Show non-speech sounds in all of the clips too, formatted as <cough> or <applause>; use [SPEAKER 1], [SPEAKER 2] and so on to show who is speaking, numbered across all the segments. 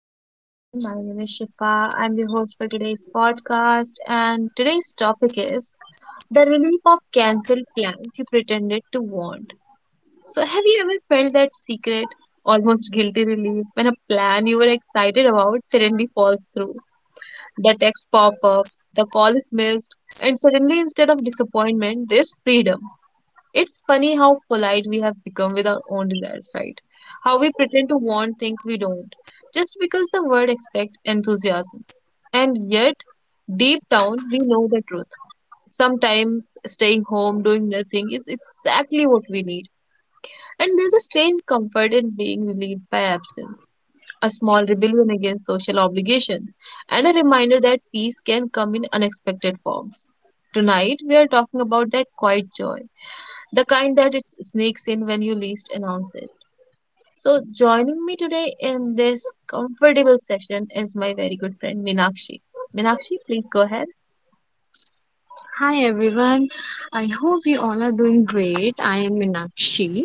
[SPEAKER 1] everyone, my name is Shifa. I'm the host for today's podcast, and today's topic is the relief of cancelled plans you pretended to want. So, have you ever felt that secret, almost guilty relief when a plan you were excited about suddenly falls through? The text pop ups, the call is missed, and suddenly instead of disappointment, there's freedom. It's funny how polite we have become with our own desires, right? How we pretend to want things we don't, just because the word expects enthusiasm. And yet, deep down, we know the truth. Sometimes staying home, doing nothing is exactly what we need. And there's a strange comfort in being relieved by absence, a small rebellion against social obligation, and a reminder that peace can come in unexpected forms. Tonight, we are talking about that quiet joy, the kind that it sneaks in when you least announce it. So, joining me today in this comfortable session is my very good friend Minakshi. Minakshi, please go ahead.
[SPEAKER 2] Hi everyone, I hope you all are doing great. I am Meenakshi,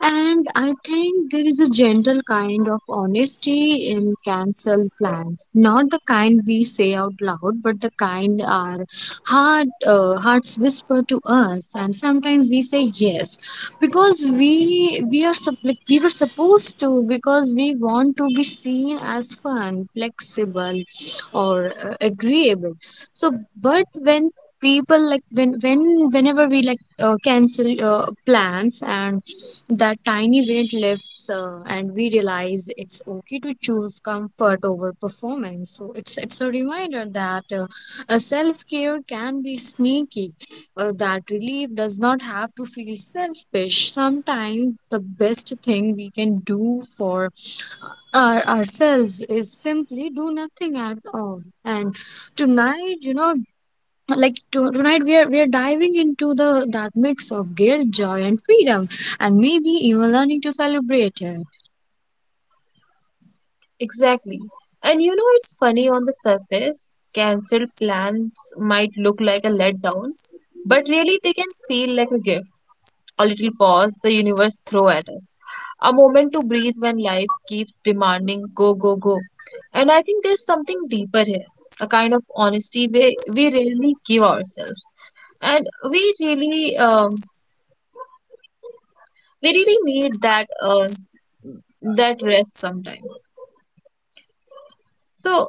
[SPEAKER 2] and I think there is a gentle kind of honesty in cancel plans. Not the kind we say out loud, but the kind our hearts whisper to us, and sometimes we say yes because we were supposed to because we want to be seen as fun, flexible, or agreeable. So, but when people like when whenever we cancel plans and that tiny weight lifts, and we realize it's okay to choose comfort over performance. So it's a reminder that self-care can be sneaky, that relief does not have to feel selfish. Sometimes the best thing we can do for ourselves is simply do nothing at all. And tonight, tonight we are diving into the that mix of guilt, joy, and freedom, and maybe even learning to celebrate it.
[SPEAKER 1] Exactly. And you know, it's funny, on the surface, cancelled plans might look like a letdown, but really they can feel like a gift, a little pause the universe throw at us, a moment to breathe when life keeps demanding go go go. And I think there's something deeper here, a kind of honesty we rarely give ourselves. And we really need that that rest sometimes. So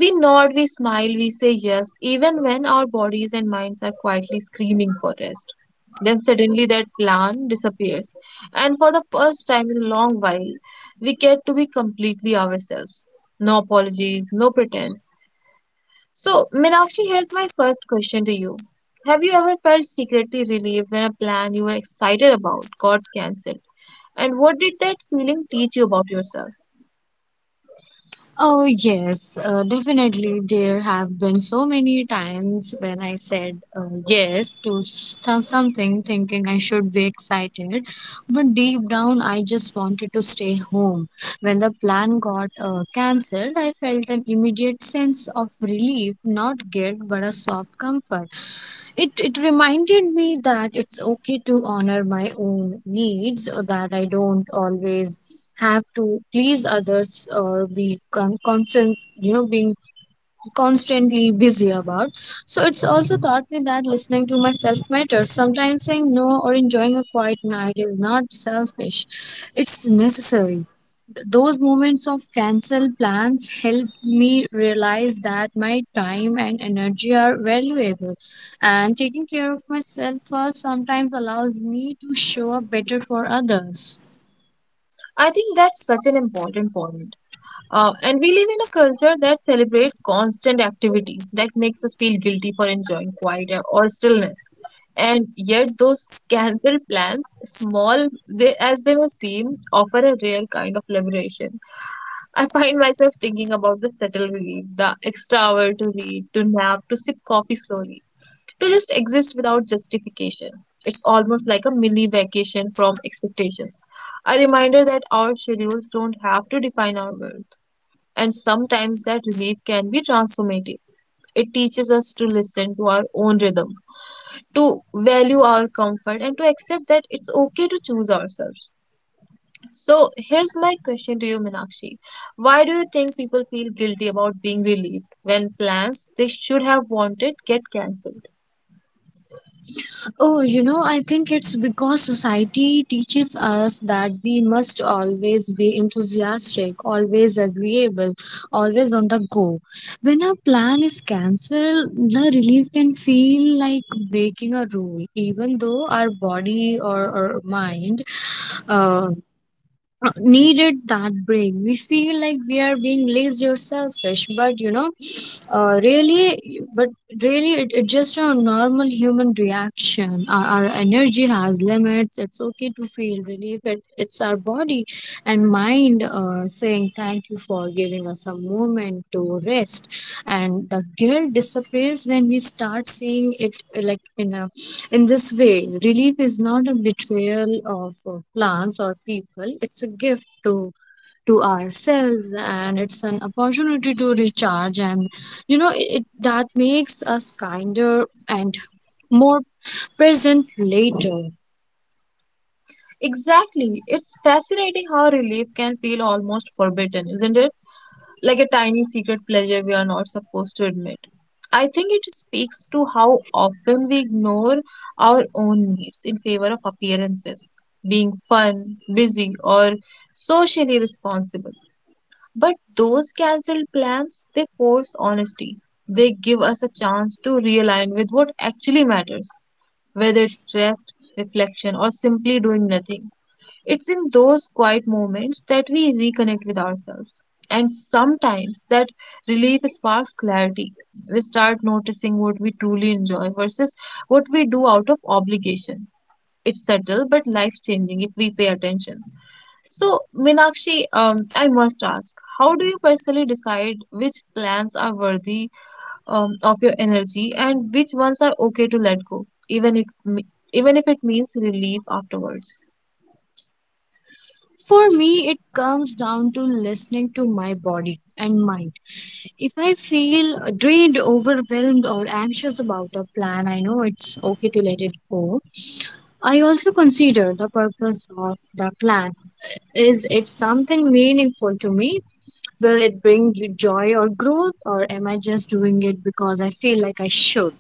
[SPEAKER 1] we nod, we smile, we say yes, even when our bodies and minds are quietly screaming for rest. Then suddenly that plan disappears, and for the first time in a long while, we get to be completely ourselves. No apologies, no pretense. So, Meenakshi, here's my first question to you. Have you ever felt secretly relieved when a plan you were excited about got cancelled? And what did that feeling teach you about yourself?
[SPEAKER 2] Oh, yes, definitely. There have been so many times when I said yes to something thinking I should be excited, but deep down I just wanted to stay home. When the plan got cancelled, I felt an immediate sense of relief, not guilt, but a soft comfort. It reminded me that it's okay to honor my own needs, that I don't always have to please others or be constant, you know, being constantly busy about. So it's also taught me that listening to myself matters. Sometimes saying no or enjoying a quiet night is not selfish, it's necessary. Those moments of cancel plans help me realize that my time and energy are valuable, and taking care of myself first sometimes allows me to show up better for others.
[SPEAKER 1] I think that's such an important point. And we live in a culture that celebrates constant activity, that makes us feel guilty for enjoying quiet or stillness. And yet, those cancelled plans, small as they may seem, offer a rare kind of liberation. I find myself thinking about the subtle relief, the extra hour to read, to nap, to sip coffee slowly, to just exist without justification. It's almost like a mini vacation from expectations, a reminder that our schedules don't have to define our world, and sometimes that relief can be transformative. It teaches us to listen to our own rhythm, to value our comfort, and to accept that it's okay to choose ourselves. So, here's my question to you, Minakshi. Why do you think people feel guilty about being relieved when plans they should have wanted get cancelled?
[SPEAKER 2] Oh, you know, I think it's because society teaches us that we must always be enthusiastic, always agreeable, always on the go. When a plan is cancelled, the relief can feel like breaking a rule, even though our body or mind uh, needed that break. We feel like we are being lazy or selfish, but you know, uh, really, but really, it's just a normal human reaction. Our energy has limits. It's okay to feel relief. It's our body and mind saying thank you for giving us a moment to rest. And the guilt disappears when we start seeing it in this way. Relief is not a betrayal of plants or people, it's a gift to ourselves, and it's an opportunity to recharge and, you know, it that makes us kinder and more present later.
[SPEAKER 1] Exactly. It's fascinating how relief can feel almost forbidden, isn't it? Like a tiny secret pleasure we are not supposed to admit. I think it speaks to how often we ignore our own needs in favor of appearances, being fun, busy, or socially responsible. But those cancelled plans, they force honesty. They give us a chance to realign with what actually matters, whether it's rest, reflection, or simply doing nothing. It's in those quiet moments that we reconnect with ourselves. And sometimes that relief sparks clarity. We start noticing what we truly enjoy versus what we do out of obligation. It's subtle but life changing if we pay attention. So, Minakshi, I must ask, how do you personally decide which plans are worthy of your energy and which ones are okay to let go, even if it means relief afterwards?
[SPEAKER 2] For me, it comes down to listening to my body and mind. If I feel drained, overwhelmed, or anxious about a plan, I know it's okay to let it go. I also consider the purpose of the plan. Is it something meaningful to me? Will it bring you joy or growth, or am I just doing it because I feel like I should?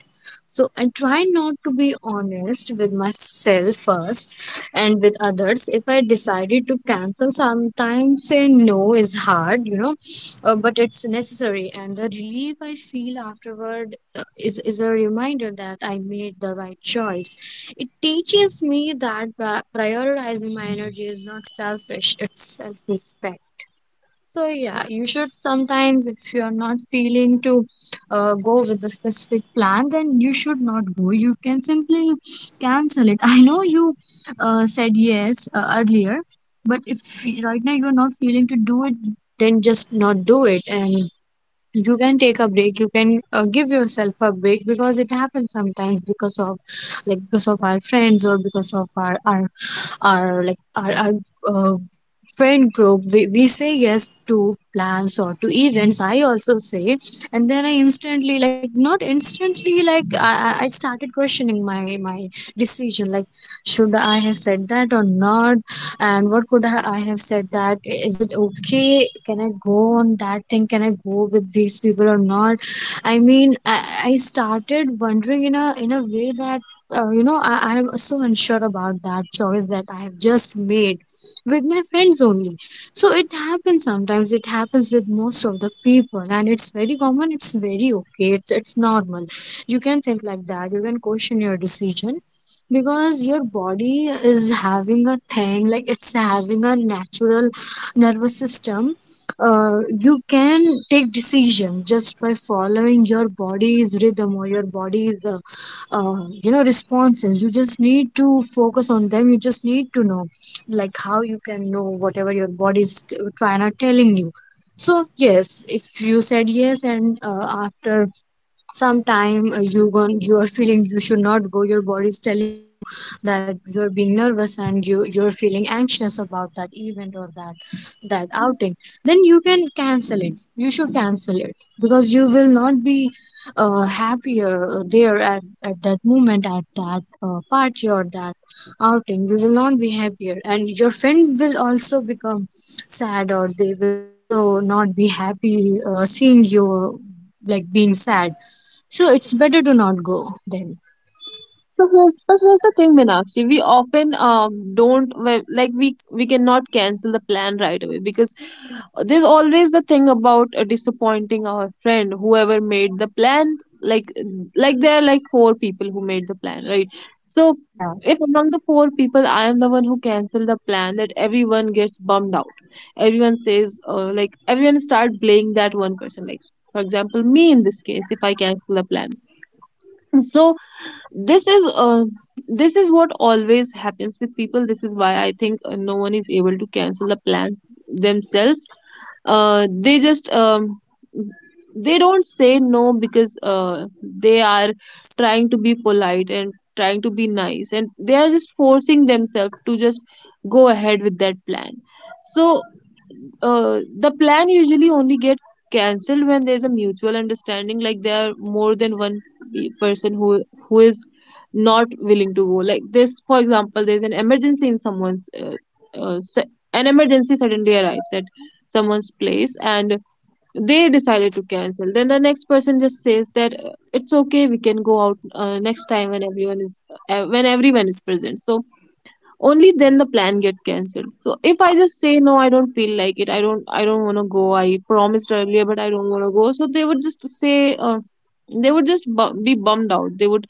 [SPEAKER 2] So I try not to be honest with myself first and with others. If I decided to cancel, sometimes saying no is hard, you know, but it's necessary. And the relief I feel afterward is a reminder that I made the right choice. It teaches me that prioritizing my energy is not selfish, it's self respect. So, yeah, you should sometimes, if you're not feeling to go with a specific plan, then you should not go. You can simply cancel it. <laughs> I know you said yes earlier, but if right now you're not feeling to do it, then just not do it, and you can take a break. You can give yourself a break because it happens sometimes, because of, like, because of our friends or because of our uh, friend group. We say yes to plans or to events. I also say, and then I instantly like not instantly, I started questioning my decision, like, should I have said that or not? And what could I have said that? Is it okay? Can I go on that thing? Can I go with these people or not? i mean i, I started wondering in a way that, you know, I'm so unsure about that choice that I have just made with my friends only. So it happens sometimes. It happens with most of the people, and it's very common. It's very okay. It's normal. You can think like that. You can question your decision because your body is having a thing, like it's having a natural nervous system. You can take decisions just by following your body's rhythm or your body's you know, responses. You just need to focus on them. You just need to know, like, how you can know whatever your body is trying to telling you. So yes, if you said yes, and after sometime, you are feeling you should not go, your body is telling you that you're being nervous, and you're feeling anxious about that event or that outing, then you can cancel it. You should cancel it because you will not be happier there, at that moment, at that party or that outing. You will not be happier, and your friend will also become sad, or they will also not be happy seeing you uh, being sad. So it's better to not go then.
[SPEAKER 1] But here's the thing, Meenakshi. We often don't, well, like we cannot cancel the plan right away because there's always the thing about disappointing our friend, whoever made the plan. Like, there are like four people who made the plan, right? So
[SPEAKER 2] Yeah.
[SPEAKER 1] if among the four people I am the one who canceled the plan, that everyone gets bummed out. Everyone says, like, everyone start blaming that one person. Like, for example, me in this case, if I cancel the plan. So this is uh, this is what always happens with people. This is why I think no one is able to cancel the plan themselves. They just they don't say no because they are trying to be polite and trying to be nice, and they are just forcing themselves to just go ahead with that plan. So the plan usually only gets cancelled when there's a mutual understanding, like there are more than one person who is not willing to go. Like, this for example, there's an emergency in someone's, uh, se- an emergency suddenly arrives at someone's place, and they decided to cancel. Then the next person just says that it's okay, we can go out next time when everyone is present. So only then the plan get cancelled. So if I just say no, I don't feel like it, I don't want to go, I promised earlier, but I don't want to go, so they would just say they would just bu- be bummed out. They would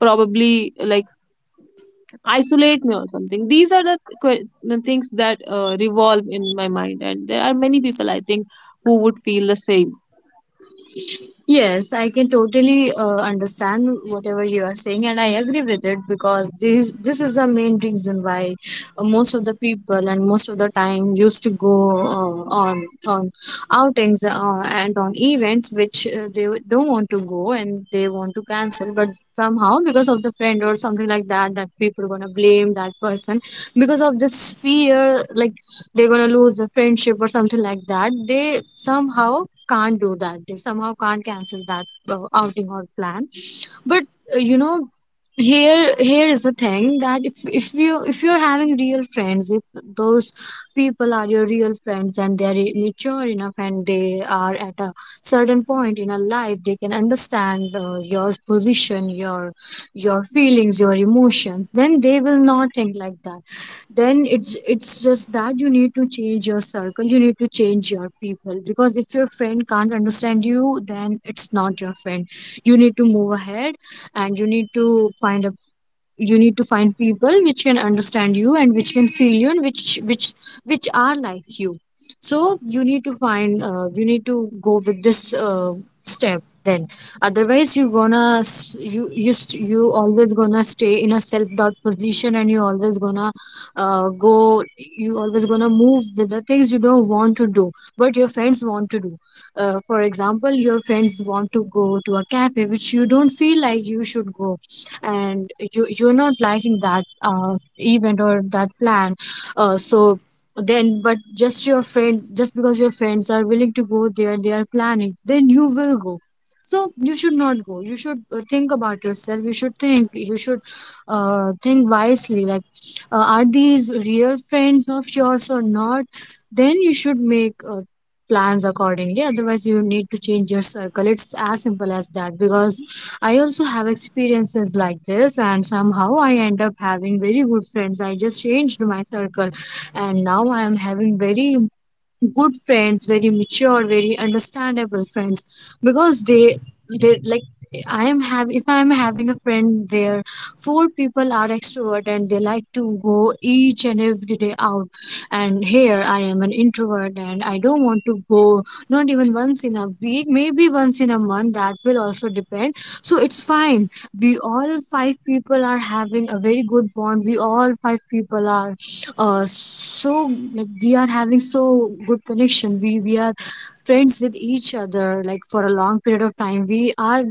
[SPEAKER 1] probably, like, isolate me or something. These are the the things that revolve in my mind, and there are many people I think who would feel the same.
[SPEAKER 2] Yes, I can totally understand whatever you are saying, and I agree with it because this is the main reason why most of the people and most of the time used to go on on outings and on events which don't want to go and they want to cancel, but somehow because of the friend or something like that, that people are gonna blame that person because of this fear, like they're gonna lose the friendship or something like that. They somehow can't do that. They somehow can't cancel that outing or plan. But you know, here is the thing, that if you if you're having real friends, if those people are your real friends and they are mature enough and they are at a certain point in a life, they can understand your position, your feelings, your emotions, then they will not think like that. Then it's just that you need to change your circle. You need to change your people because if your friend can't understand you, then it's not your friend. You need to move ahead, and you need to find a, you need to find people which can understand you and which can feel you, and which which are like you. So you need to find, you need to go with this step then. Otherwise, you gonna you always gonna stay in a self doubt position, and you always gonna go you always gonna move with the things you don't want to do, but your friends want to do. For example, your friends want to go to a cafe which you don't feel like you should go, and you're not liking that event or that plan, so then but just your friend, just because your friends are willing to go there, they are planning, then you will go. So you should not go, you should think about yourself. You should think, you should think wisely, like, are these real friends of yours or not? Then you should make plans accordingly. Otherwise, you need to change your circle. It's as simple as that, because I also have experiences like this, and somehow I end up having very good friends. I just changed my circle, and now I am having very good friends, very mature, very understandable friends because they like I am have if I am having a friend where four people are extrovert and they like to go each and every day out. And here I am an introvert and I don't want to go, not even once in a week, maybe once in a month. That will also depend, so it's fine. We all five people are having a very good bond. We all five people are like, we are having so good connection. We are friends with each other, like, for a long period of time. we are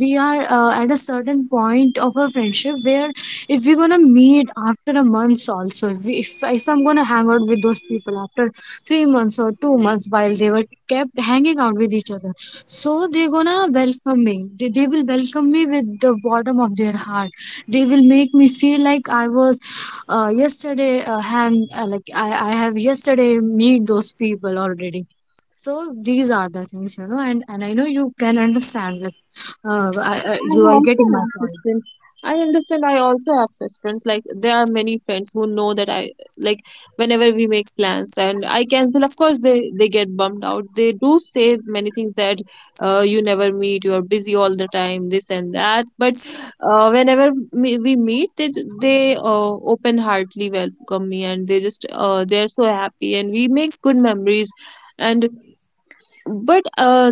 [SPEAKER 2] we are uh, at a certain point of our friendship where, if we're gonna meet after a month also, if, we, if I'm gonna hang out with those people after 3 months or 2 months while they were kept hanging out with each other, so they're gonna welcome me. They will welcome me with the bottom of their heart. They will make me feel like I was yesterday hand like I have yesterday meet those people already. So these are the things, you know, and I know you can understand, like,
[SPEAKER 1] I
[SPEAKER 2] you are
[SPEAKER 1] also
[SPEAKER 2] getting my
[SPEAKER 1] have such
[SPEAKER 2] point.
[SPEAKER 1] friends. I understand. I also have such friends. Like, there are many friends who know that I, like whenever we make plans and I cancel, of course they get bummed out. They do say many things that you never meet, you are busy all the time, this and that. But whenever we meet, they open heartedly welcome me, and they just they're so happy and we make good memories. And but uh,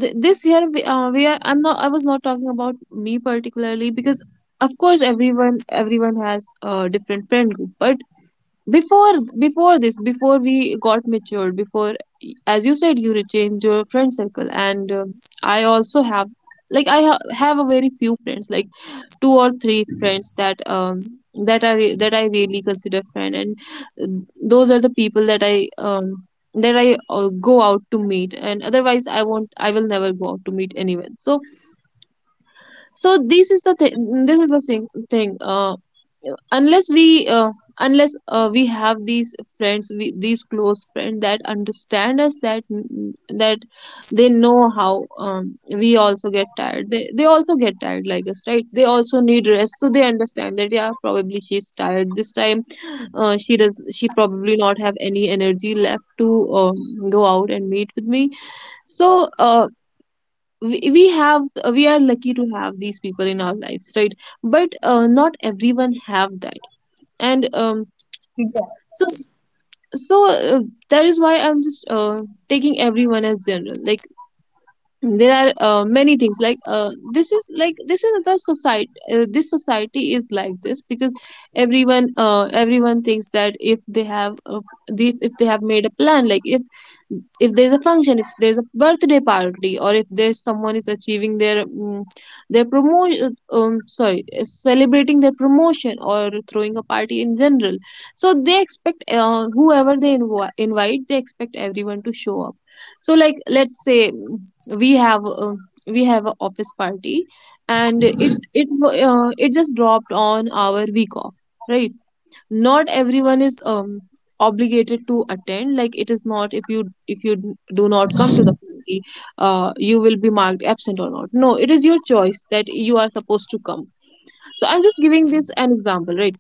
[SPEAKER 1] th- this year we are, I'm not, I was not talking about me particularly, because of course everyone has a different friend group. But before before this, before we got matured, before, as you said, you change your friend circle. And I also have, like, I have a very few friends, like two or three friends that that I that I really consider friend, and uh, those are the people that I go out to meet, and otherwise I will never go out to meet anyone. So this is the thing, unless we unless we have these friends, these close friends that understand us, that that they know how, we also get tired, they also get tired like us, right? They also need rest, so they understand that yeah, probably she's tired this time, she probably not have any energy left to go out and meet with me. So we we have we are lucky to have these people in our lives, right? But not everyone have that. And
[SPEAKER 2] Yes.
[SPEAKER 1] so, so that is why I'm just taking everyone as general. Like, there are many things, like this is, like, this is the society. Uh, this society is like this because everyone thinks that if they have if they have made a plan, like if there's a function, if there's a birthday party, or if there's someone is achieving their promotion, sorry, celebrating their promotion, or throwing a party in general. So they expect whoever they invite, they expect everyone to show up. So, like, let's say we have a, office party, and it just dropped on our week off, right? Not everyone is obligated to attend. Like, it is not, if you, do not come to the party, you will be marked absent or not. No, it is your choice that you are supposed to come. So I'm just giving this an example, right?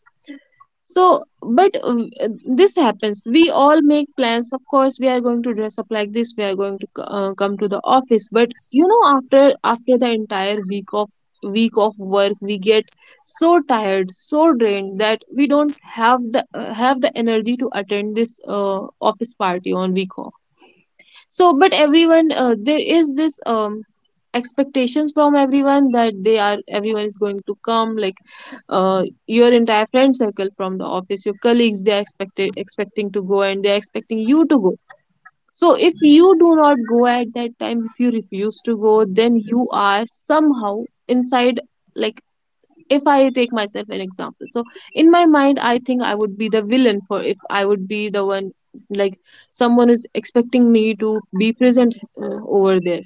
[SPEAKER 1] So, but
[SPEAKER 2] Yes,
[SPEAKER 1] this happens. We all make plans. Of course, we are going to dress up like this. We are going to come to the office. But you know, after the entire week of, work, we get so tired, so drained that we don't have the energy to attend this office party on week off. So but everyone there is this expectations from everyone that they are everyone is going to come. Like, your entire friend circle from the office, your colleagues, they are expected expecting to go, and they are expecting you to go. So if you do not go at that time, if you refuse to go, then you are somehow inside, like if I take myself an example. So in my mind, I think I would be the villain for if I would be the one, like, someone is expecting me to be present over there.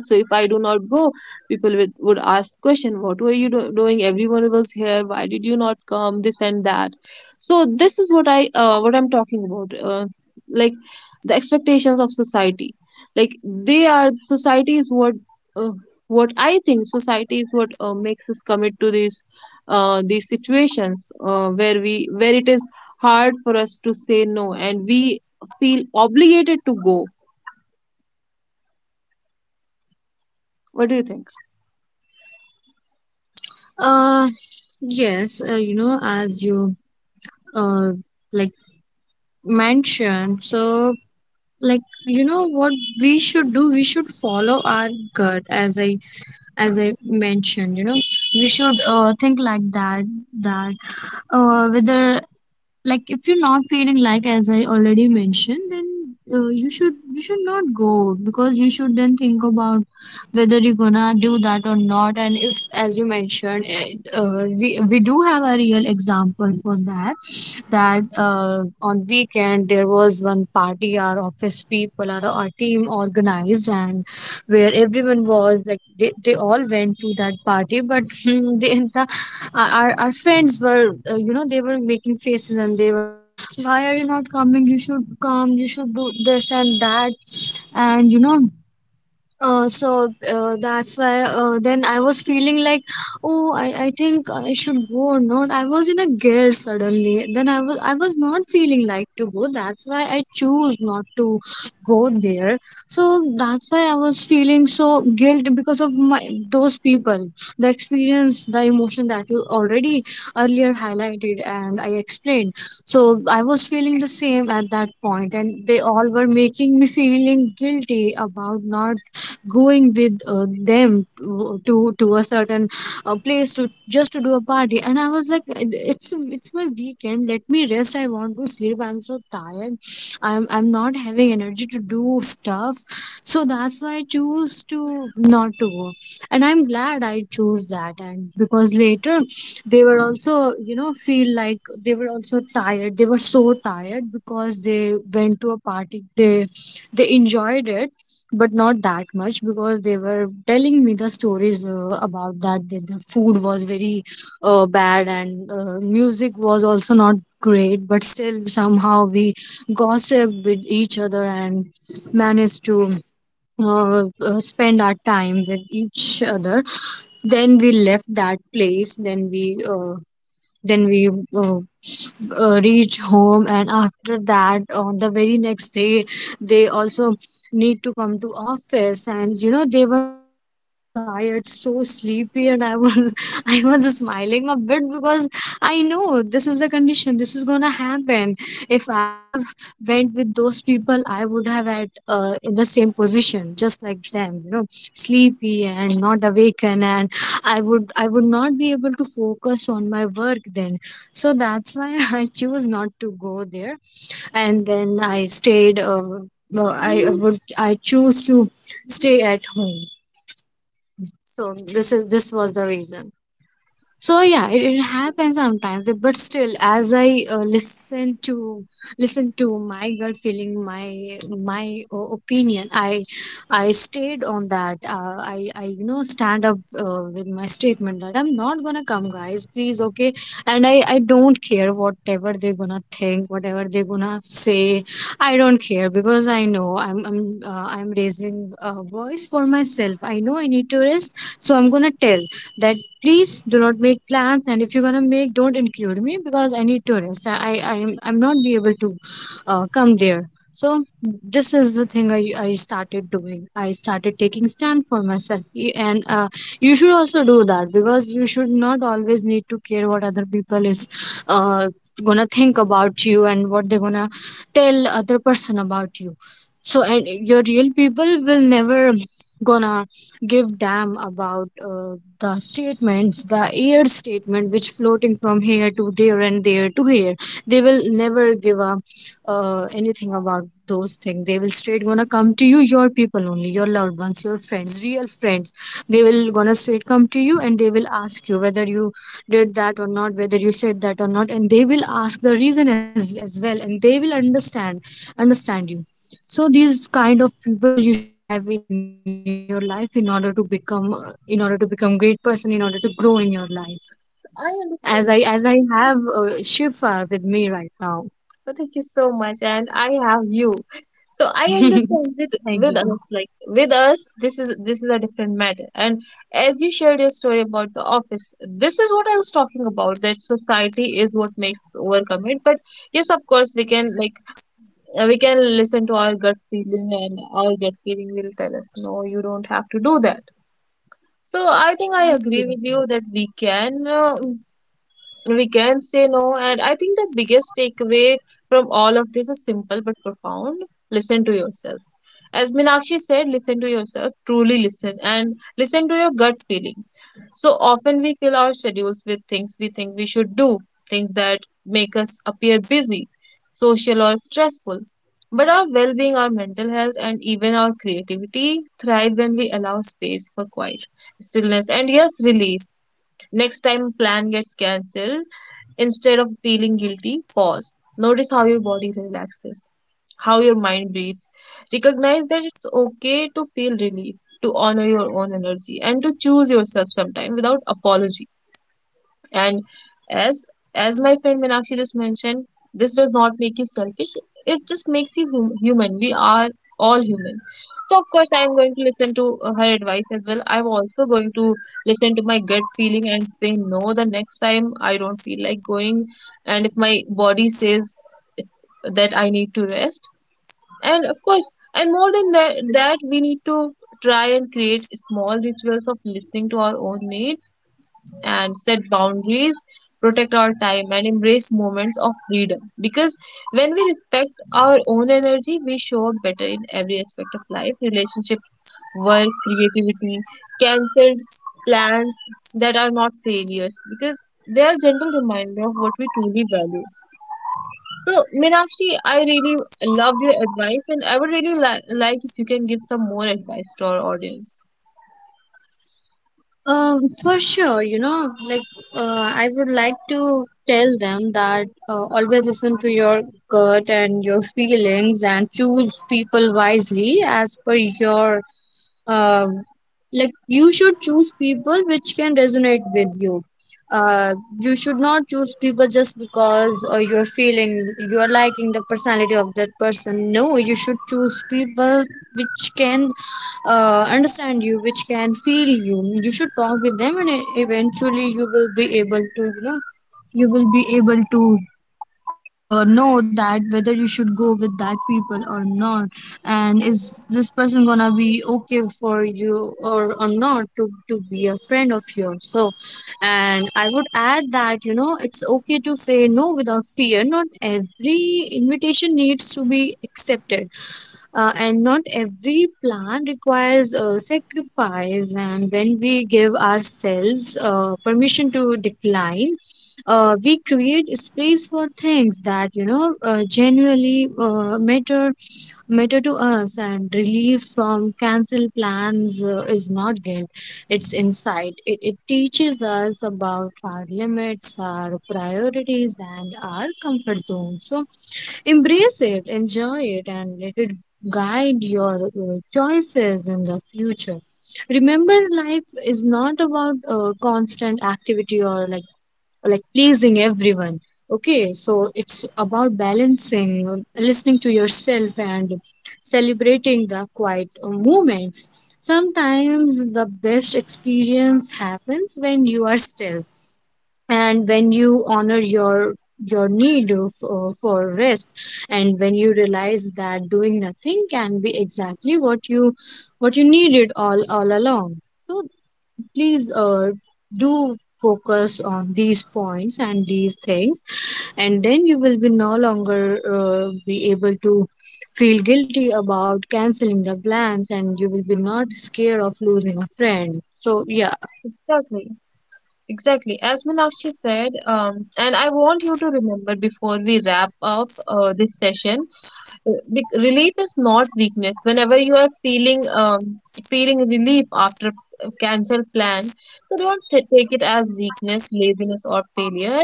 [SPEAKER 1] So if I do not go, people would ask question, what were you doing? Everyone was here, why did you not come, this and that? So this is what I what I'm talking about, like the expectations of society, like they are, society is uh, what I think society is what makes us commit to these situations where we, where it is hard for us to say no and we feel obligated to go. What do you think?
[SPEAKER 2] uh yes, you know, as you, uh like, mentioned, so, like, you know what we should do. We should follow our gut. As I mentioned, you know, we should, think like that, that, whether, like, if you're not feeling, like, as I already mentioned, then you should not go because you should then think about whether you're gonna do that or not. And, if, as you mentioned, it, we do have a real example for that. That, on weekend there was one party our office people, our team organized, and where everyone was like, they all went to that party, but <laughs> our friends were, you know, they were making faces and they were like, why are you not coming? You should come, you should do this and that. And, you know, that's why, then I was feeling like, oh, I think I should go or not. I was in a gear suddenly. Then I was not feeling like to go. That's why I choose not to go there. So that's why I was feeling so guilt because of my those people, the experience, the emotion that you already earlier highlighted and I explained. So I was feeling the same at that point, and they all were making me feeling guilty about not going with, them to a certain place to just to do a party. And I was like, it's my weekend, let me rest, I want to sleep, I'm so tired. I'm not having energy to do stuff. So that's why I choose to not to go. And I'm glad I chose that. And because later they were also, you know, feel like they were also tired. They were so tired because they went to a party. They enjoyed it, but not that much because they were telling me the stories about that, that the food was very bad and music was also not great. But still somehow we gossiped with each other and managed to spend our time with each other. Then we left that place. Then we uh, then we uh, uh, reach home. And after that, on the very next day, they also need to come to office. And, you know, they were all so tired, so sleepy, and I was <laughs> I was smiling a bit because I know this is the condition, this is gonna happen. If I have went with those people, I would have had, in the same position, just like them, you know, sleepy and not awakened. And I would not be able to focus on my work then. So that's why <laughs> I choose not to go there. And then I stayed. Well, I choose to stay at home. So this is, this was the reason. So yeah, it happens sometimes, but still, as I listen to my gut feeling, my opinion, I stayed on that. I, you know, stand up with my statement that I'm not gonna come, guys, please. Okay. And I don't care whatever they're gonna think, whatever they're gonna say. I don't care because I know I'm raising a voice for myself. I know I need to rest, so I'm gonna tell that, please do not make plans. And if you're gonna make, don't include me because I need to rest. I'm not be able to come there. So this is the thing I started doing. I started taking stand for myself. And you should also do that because you should not always need to care what other people is uh, gonna think about you and what they're gonna tell other person about you. So, and your real people will never gonna give damn about the statements, the air statement, which floating from here to there and there to here. They will never give up anything about those things. They will straight gonna come to you, your people only, your loved ones, your friends, real friends. They will gonna straight come to you and they will ask you whether you did that or not, whether you said that or not, and they will ask the reason as well, and they will understand you. So these kind of people you should have in your life in order to become, great person, in order to grow in your life,
[SPEAKER 1] I
[SPEAKER 2] as i as
[SPEAKER 1] understand.
[SPEAKER 2] i have Shifa with me right now.
[SPEAKER 1] Oh, thank you so much, and I have you. So I understand,
[SPEAKER 2] <laughs> Thank
[SPEAKER 1] with us,
[SPEAKER 2] you.
[SPEAKER 1] like with us, this is a different matter. And as you shared your story about the office, this is what I was talking about. That society is what makes overcome it. But yes, of course, we can, like, we can listen to our gut feeling, and our gut feeling will tell us, no, you don't have to do that. So I think I agree with you that we can. We can say no, and I think the biggest takeaway from all of this is simple but profound. Listen to yourself. As Minakshi said, listen to yourself, truly listen, and listen to your gut feeling. So often we fill our schedules with things we think we should do, things that make us appear busy, social, or stressful. But our well being, our mental health, and even our creativity thrive when we allow space for quiet, stillness, and yes, relief. Next time plan gets cancelled, instead of feeling guilty, pause. Notice how your body relaxes, how your mind breathes. Recognize that it's okay to feel relief, to honor your own energy, and to choose yourself sometime without apology. And as as my friend Meenakshi just mentioned, this does not make you selfish. It just makes you human. We are all human. So of course, I am going to listen to her advice as well. I'm also going to listen to my gut feeling and say no the next time I don't feel like going. And if my body says that I need to rest, and of course, and more than that, that we need to try and create small rituals of listening to our own needs and set boundaries, protect our time, and embrace moments of freedom. Because when we respect our own energy, we show up better in every aspect of life, relationships, work, creativity, cancelled plans that are not failures because they are gentle reminder of what we truly value. So, Meenakshi, I really love your advice, and I would really like if you can give some more advice to our audience.
[SPEAKER 2] Um, for sure, you know, like, I would like to tell them that, always listen to your gut and your feelings and choose people wisely as per your, uh, like, you should choose people which can resonate with you. uh, you should not choose people just because you're feeling, you're liking the personality of that person. No, you should choose people which can understand you, which can feel you. You should talk with them and eventually you will be able to, you know, you will be able to know that whether you should go with that people or not, and is this person gonna be okay for you, or not to, to be a friend of yours. So, and I would add that, you know, it's okay to say no without fear. Not every invitation needs to be accepted, and not every plan requires a sacrifice. And when we give ourselves permission to decline, we create space for things that, you know, genuinely matter to us. And relief from cancel plans is not guilt, it's insight. It teaches us about our limits, our priorities, and our comfort zones. So embrace it, enjoy it, and let it guide your choices in the future. Remember, life is not about constant activity, or like, pleasing everyone. Okay, so it's about balancing, listening to yourself, and celebrating the quiet moments. Sometimes the best experience happens when you are still, and when you honor your need for rest, and when you realize that doing nothing can be exactly what you needed all along. So please, do focus on these points and these things, and then you will be no longer be able to feel guilty about canceling the plans, and you will be not scared of losing a friend. So yeah.
[SPEAKER 1] Exactly. Exactly. As Meenakshi said, and I want you to remember before we wrap up this session, relief is not weakness. Whenever you are feeling feeling relief after a cancelled plan, so don't take it as weakness, laziness, or failure.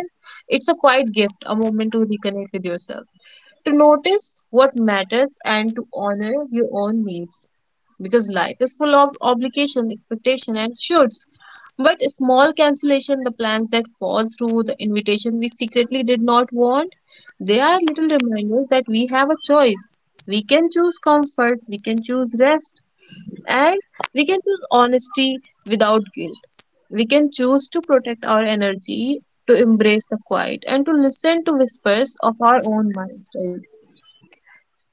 [SPEAKER 1] It's a quiet gift, a moment to reconnect with yourself, to notice what matters, and to honor your own needs because life is full of obligation, expectation, and shoulds. But small cancellation, the plans that fall through, the invitation we secretly did not want, they are little reminders that we have a choice. We can choose comfort, we can choose rest, and we can choose honesty without guilt. We can choose to protect our energy, to embrace the quiet, and to listen to whispers of our own minds, right?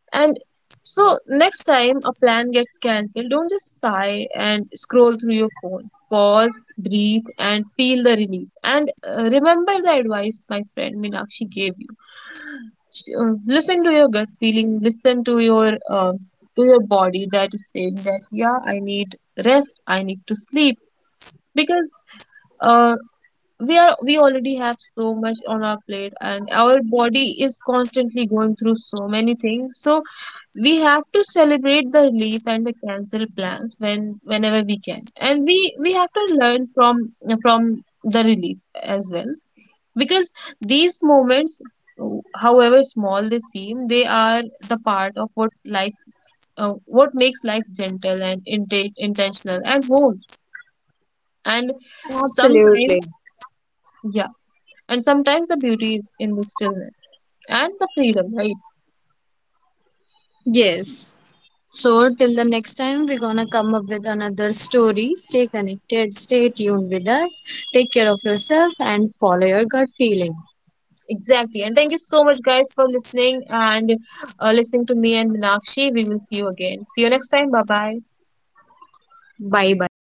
[SPEAKER 1] And so next time a plan gets cancelled, don't just sigh and scroll through your phone. Pause, breathe, and feel the relief. And remember the advice my friend Minakshi gave you. Listen to your gut feeling. Listen to your body that is saying that yeah, I need rest. I need to sleep because uh, we already have so much on our plate, and our body is constantly going through so many things. So we have to celebrate the relief and the cancel plans when whenever we can, and we have to learn from the relief as well because these moments, however small they seem, they are the part of what life what makes life gentle and intentional and whole. And
[SPEAKER 2] Absolutely.
[SPEAKER 1] sometimes, yeah, and sometimes the beauty is in the stillness and the freedom, right?
[SPEAKER 2] Yes, so till the next time, we're gonna come up with another story. Stay connected, stay tuned with us. Take care of yourself and follow your gut feeling.
[SPEAKER 1] Yes, exactly. And thank you so much, guys, for listening and listening to me and Minakshi. We will see you again. See you next time. Bye bye.
[SPEAKER 2] Bye bye.